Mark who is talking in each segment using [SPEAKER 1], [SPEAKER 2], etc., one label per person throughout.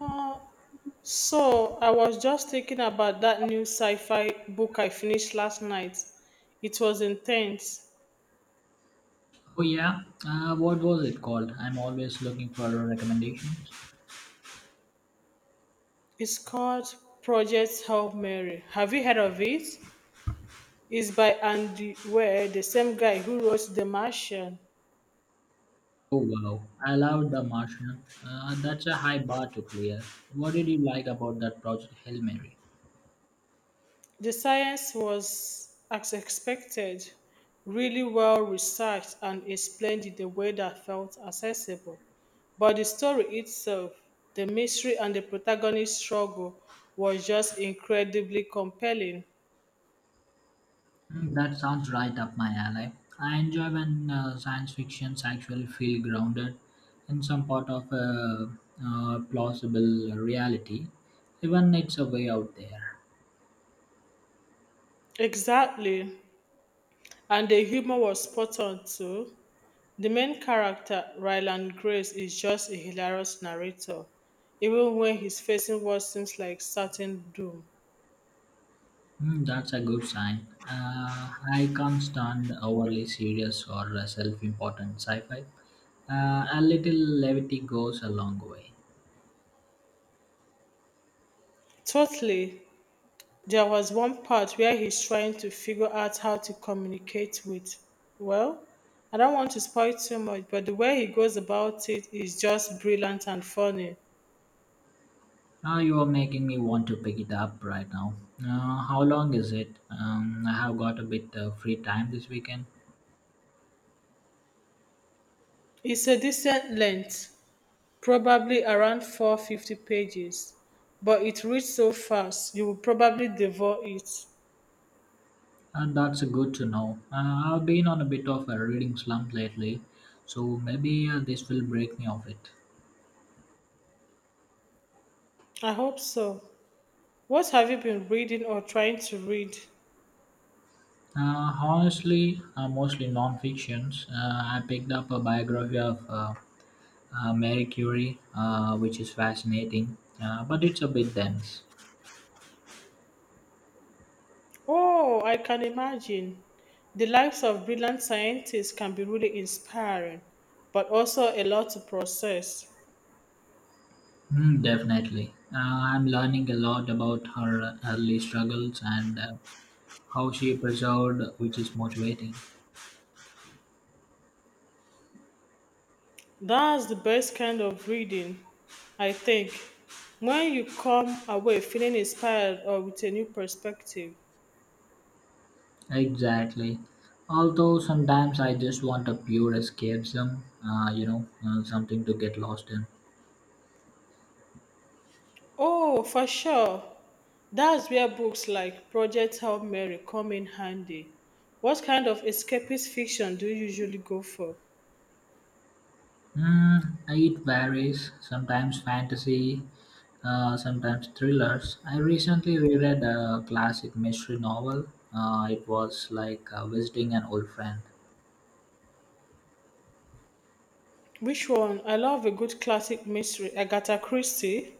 [SPEAKER 1] Uh, so I was just thinking about that new sci-fi book I finished last night. It was intense.
[SPEAKER 2] Oh yeah, what was it called? I'm always looking for recommendations.
[SPEAKER 1] It's called Project Hail Mary. Have you heard of it? It's by Andy Weir, the same guy who wrote The Martian.
[SPEAKER 2] Oh wow, I love The Martian. That's a high bar to clear. What did you like about that project, Hail Mary?
[SPEAKER 1] The science was, as expected, really well researched and explained in a way that felt accessible. But the story itself, the mystery and the protagonist's struggle was just incredibly compelling.
[SPEAKER 2] Hmm, that sounds right up my alley. I enjoy when science fictions actually feel grounded in some part of a plausible reality, even it's a way out there.
[SPEAKER 1] Exactly. And the humor was spot on too. The main character, Ryland Grace, is just a hilarious narrator, even when he's facing what seems like certain doom.
[SPEAKER 2] Hmm, that's a good sign. I can't stand overly serious or self-important sci-fi. A little levity goes a long way.
[SPEAKER 1] Totally. There was one part where he's trying to figure out how to communicate with. Well, I don't want to spoil too much, but the way he goes about it is just brilliant and funny.
[SPEAKER 2] Now you are making me want to pick it up right now. How long is it? I have got a bit free time this weekend,
[SPEAKER 1] It's a decent length, probably around 450 pages, but it reads so fast you will probably devour it.
[SPEAKER 2] and that's good to know. I've been on a bit of a reading slump lately, so maybe this will break me of it.
[SPEAKER 1] I hope so. What have you been reading or trying to read?
[SPEAKER 2] Honestly, mostly non-fictions. I picked up a biography of Mary Curie, which is fascinating, but it's a bit dense.
[SPEAKER 1] Oh, I can imagine. The lives of brilliant scientists can be really inspiring, but also a lot to process.
[SPEAKER 2] Mm, definitely. I'm learning a lot about her early struggles and how she persevered, which is motivating.
[SPEAKER 1] That's the best kind of reading, I think, when you come away feeling inspired or with a new perspective.
[SPEAKER 2] Exactly. Although sometimes I just want a pure escapism, something to get lost in.
[SPEAKER 1] Oh, for sure. That's where books like Project Hail Mary come in handy. What kind of escapist fiction do you usually go for?
[SPEAKER 2] Mm, it varies. Sometimes fantasy, sometimes thrillers. I recently reread a classic mystery novel. It was like visiting an old friend.
[SPEAKER 1] Which one? I love a good classic mystery, Agatha Christie.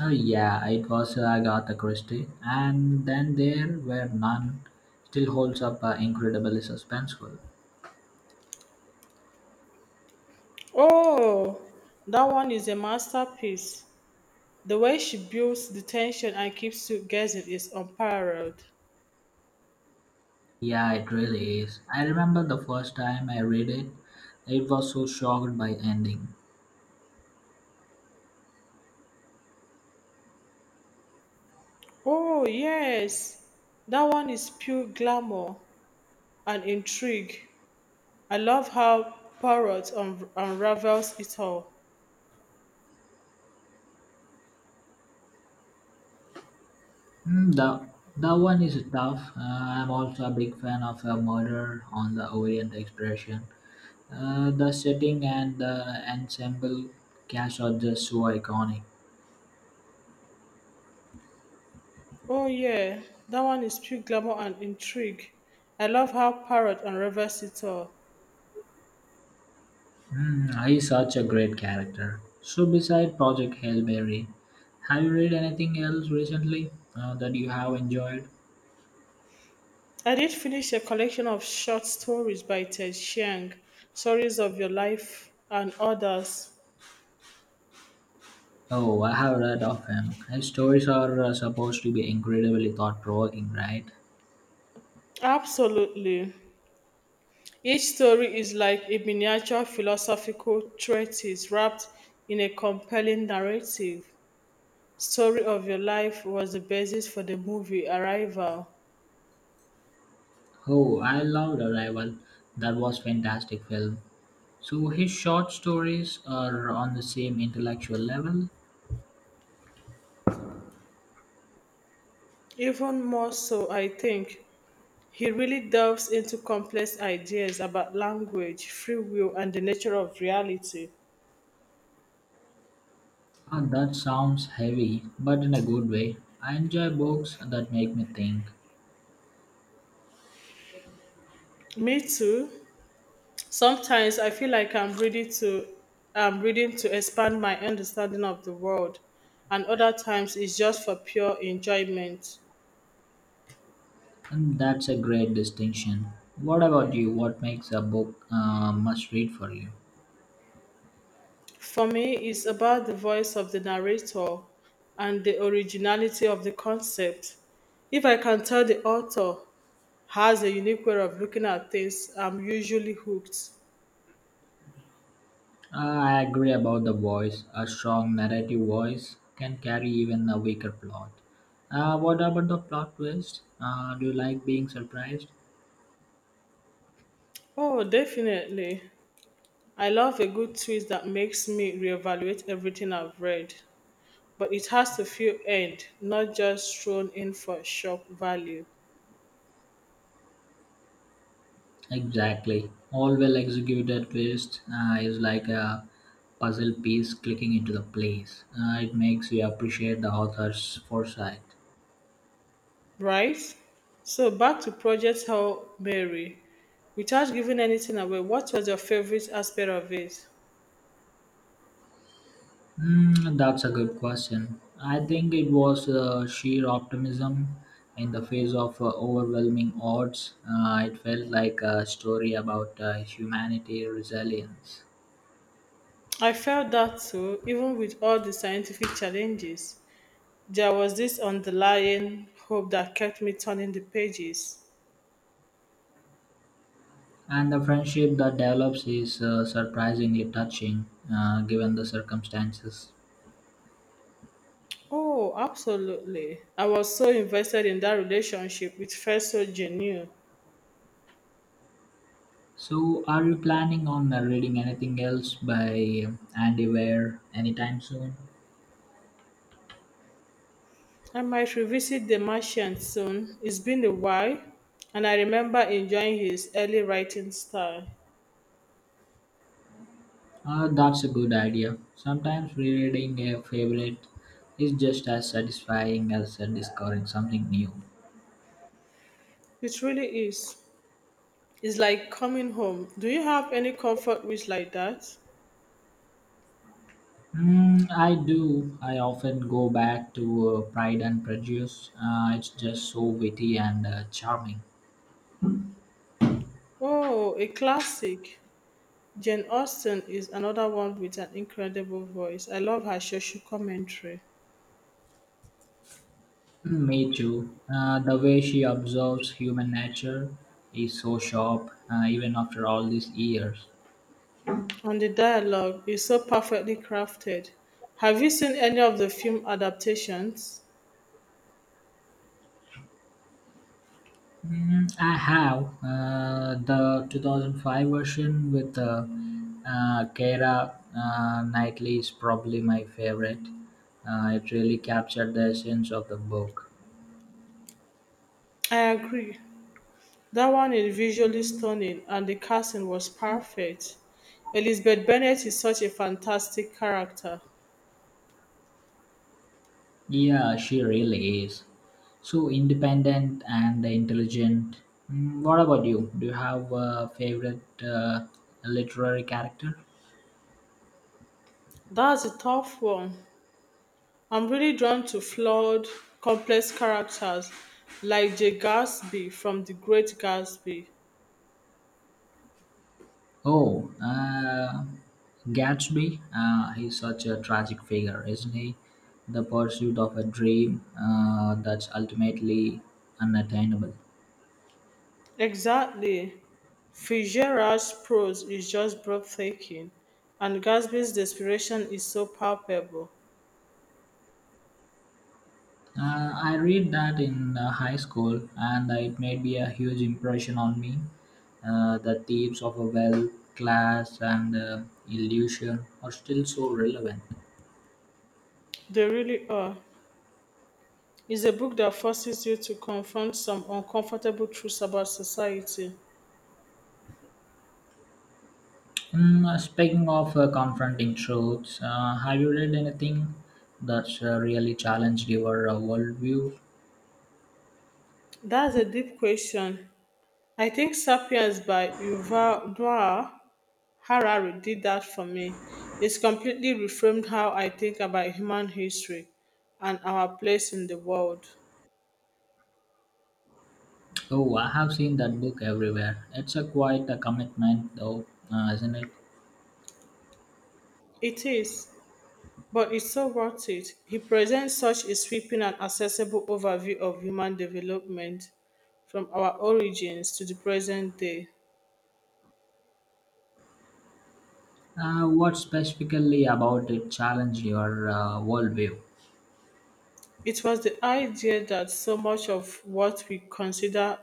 [SPEAKER 2] Oh yeah, it was Agatha Christie. And then there were none. Still holds up, incredibly suspenseful.
[SPEAKER 1] Oh, that one is a masterpiece. The way she builds the tension and keeps you guessing is unparalleled.
[SPEAKER 2] Yeah, it really is. I remember the first time I read it. It was so shocked by ending.
[SPEAKER 1] Oh, yes. That one is pure glamour and intrigue. I love how Parrot unravels it all.
[SPEAKER 2] Mm, the that one is tough. I'm also a big fan of Murder on the Orient Expression. The setting and the ensemble cast are just so iconic.
[SPEAKER 1] Oh, yeah. That one is pure glamour and intrigue. I love how Parrot unravels it all.
[SPEAKER 2] Mm, he's such a great character. So, beside Project Hail Mary, have you read anything else recently that you have enjoyed?
[SPEAKER 1] I did finish a collection of short stories by Ted Chiang, Stories of Your Life and others.
[SPEAKER 2] Oh, I have read of him. His stories are supposed to be incredibly thought provoking, right?
[SPEAKER 1] Absolutely. Each story is like a miniature philosophical treatise wrapped in a compelling narrative. Story of your life was the basis for the movie Arrival.
[SPEAKER 2] Oh, I loved Arrival. That was fantastic film. So his short stories are on the same intellectual level.
[SPEAKER 1] Even more so, I think. He really delves into complex ideas about language, free will, and the nature of reality.
[SPEAKER 2] Ah, that sounds heavy, but in a good way. I enjoy books that make me think,
[SPEAKER 1] Me too. Sometimes I feel like I'm reading to expand my understanding of the world, and other times it's just for pure enjoyment.
[SPEAKER 2] and that's a great distinction. What about you? What makes a book must read for you?
[SPEAKER 1] For me, it's about the voice of the narrator and the originality of the concept. If I can tell the author has a unique way of looking at things, I'm usually hooked.
[SPEAKER 2] Ah, I agree about the voice. A strong narrative voice can carry even a weaker plot. What about the plot twist? Do you like being surprised?
[SPEAKER 1] Oh, definitely. I love a good twist that makes me reevaluate everything I've read. But it has to feel earned, not just thrown in for shock value,
[SPEAKER 2] Exactly. All well executed twist is like a puzzle piece clicking into the place. It makes you appreciate the author's foresight.
[SPEAKER 1] right? So back to Project Hail Mary. Without giving anything away, what was your favorite aspect of it?
[SPEAKER 2] Mm, that's a good question. I think it was sheer optimism in the face of overwhelming odds. It felt like a story about humanity resilience.
[SPEAKER 1] I felt that too, even with all the scientific challenges. There was this underlying hope that kept me turning the pages.
[SPEAKER 2] And the friendship that develops is, surprisingly touching, given the circumstances.
[SPEAKER 1] Oh, absolutely. I was so invested in that relationship, it felt so genuine.
[SPEAKER 2] So, are you planning on reading anything else by Andy Weir anytime soon?
[SPEAKER 1] I might revisit The Martian soon. It's been a while, and I remember enjoying his early writing style.
[SPEAKER 2] That's a good idea. Sometimes rereading a favorite is just as satisfying as discovering something new.
[SPEAKER 1] It really is. It's like coming home. Do you have any comfort wish like that?
[SPEAKER 2] Mm, I do. I often go back to Pride and Prejudice. It's just so witty and charming.
[SPEAKER 1] Oh, a classic. Jane Austen is another one with an incredible voice. I love her social commentary.
[SPEAKER 2] Mm, me too. The way she observes human nature is so sharp, even after all these years.
[SPEAKER 1] And the dialogue is so perfectly crafted. Have you seen any of the film adaptations?
[SPEAKER 2] Mm, I have the 2005 version with Keira Knightley is probably my favorite. It really captured the essence of the book.
[SPEAKER 1] I agree. That one is visually stunning and the casting was perfect. Elizabeth Bennet is such a fantastic character.
[SPEAKER 2] Yeah, she really is. So independent and intelligent. Mm, what about you? Do you have a favorite literary character?
[SPEAKER 1] That's a tough one. I'm really drawn to flawed, complex characters like Jay Gatsby from The Great Gatsby.
[SPEAKER 2] Oh, Gatsby. He's such a tragic figure, isn't he? The pursuit of a dream that's ultimately unattainable.
[SPEAKER 1] Exactly. Fitzgerald's prose is just breathtaking, and Gatsby's desperation is so palpable.
[SPEAKER 2] I read that in high school, and it made me a huge impression on me. The themes of a wealth, class, and illusion are still so relevant.
[SPEAKER 1] They really are. Is a book that forces you to confront some uncomfortable truths about society.
[SPEAKER 2] Mm, speaking of confronting truths, have you read anything that's really challenged your worldview?
[SPEAKER 1] That's a deep question. I think Sapiens by Yuval Noah Harari did that for me. It's completely reframed how I think about human history and our place in the world.
[SPEAKER 2] Oh, I have seen that book everywhere. It's a quite a commitment, though, isn't it?
[SPEAKER 1] It is, but it's so worth it. He presents such a sweeping and accessible overview of human development from our origins to the present day.
[SPEAKER 2] What specifically about it challenged your worldview?
[SPEAKER 1] It was the idea that so much of what we consider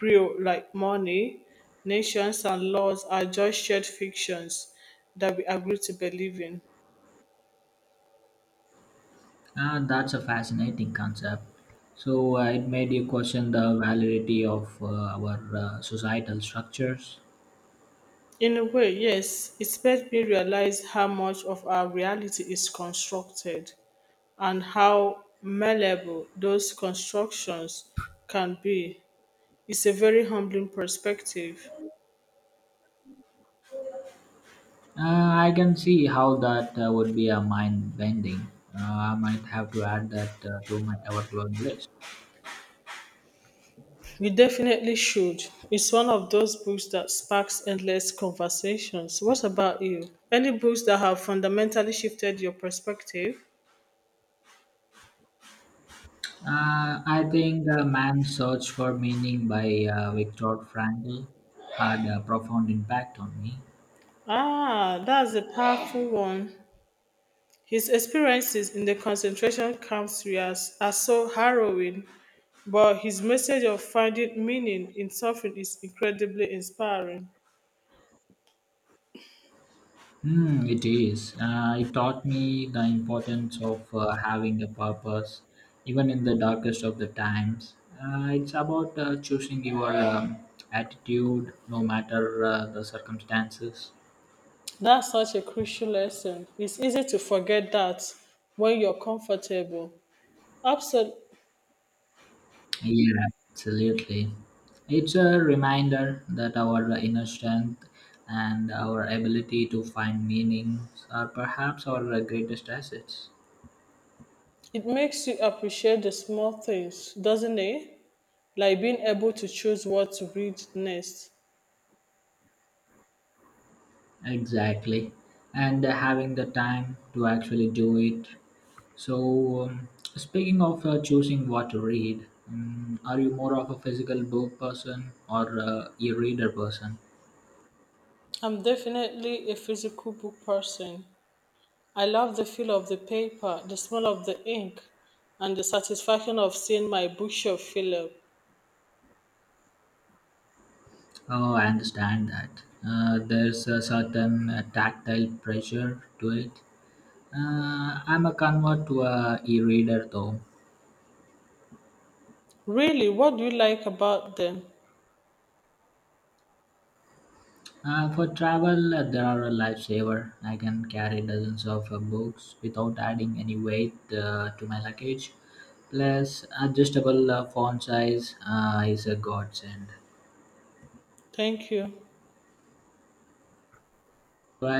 [SPEAKER 1] real, like money, nations, and laws, are just shared fictions that we agree to believe in.
[SPEAKER 2] That's a fascinating concept. So it made you question the validity of our societal structures.
[SPEAKER 1] In a way, yes, it made me realize how much of our reality is constructed and how malleable those constructions can be. It's a very humbling perspective.
[SPEAKER 2] I can see how that would be a mind bending. Uh, I might have to add that to my overload list.
[SPEAKER 1] You definitely should. It's one of those books that sparks endless conversations. What about you? Any books that have fundamentally shifted your perspective?
[SPEAKER 2] I think The Man's Search for Meaning by Viktor Frankl had a profound impact on me.
[SPEAKER 1] Ah, that's a powerful one. His experiences in the concentration camps areas are so harrowing, but his message of finding meaning in suffering is incredibly inspiring.
[SPEAKER 2] Hmm, it is. It taught me the importance of having a purpose, even in the darkest of the times. It's about choosing your attitude no matter the circumstances.
[SPEAKER 1] That's such a crucial lesson. It's easy to forget that when you're comfortable. Absol-
[SPEAKER 2] Yeah, absolutely. It's a reminder that our inner strength and our ability to find meaning are perhaps our greatest assets.
[SPEAKER 1] It makes you appreciate the small things, doesn't it? Like being able to choose what to read next.
[SPEAKER 2] Exactly. And having the time to actually do it. So, speaking of choosing what to read, are you more of a physical book person or e reader person?
[SPEAKER 1] I'm definitely a physical book person. I love the feel of the paper, the smell of the ink, and the satisfaction of seeing my bookshelf fill up.
[SPEAKER 2] Oh, I understand that. There's a certain tactile pressure to it. I'm a convert to a e-reader though.
[SPEAKER 1] Really, what do you like about them?
[SPEAKER 2] For travel, they are a lifesaver. I can carry dozens of books without adding any weight to my luggage. Plus, adjustable font size is a godsend.
[SPEAKER 1] Thank you.
[SPEAKER 2] Right,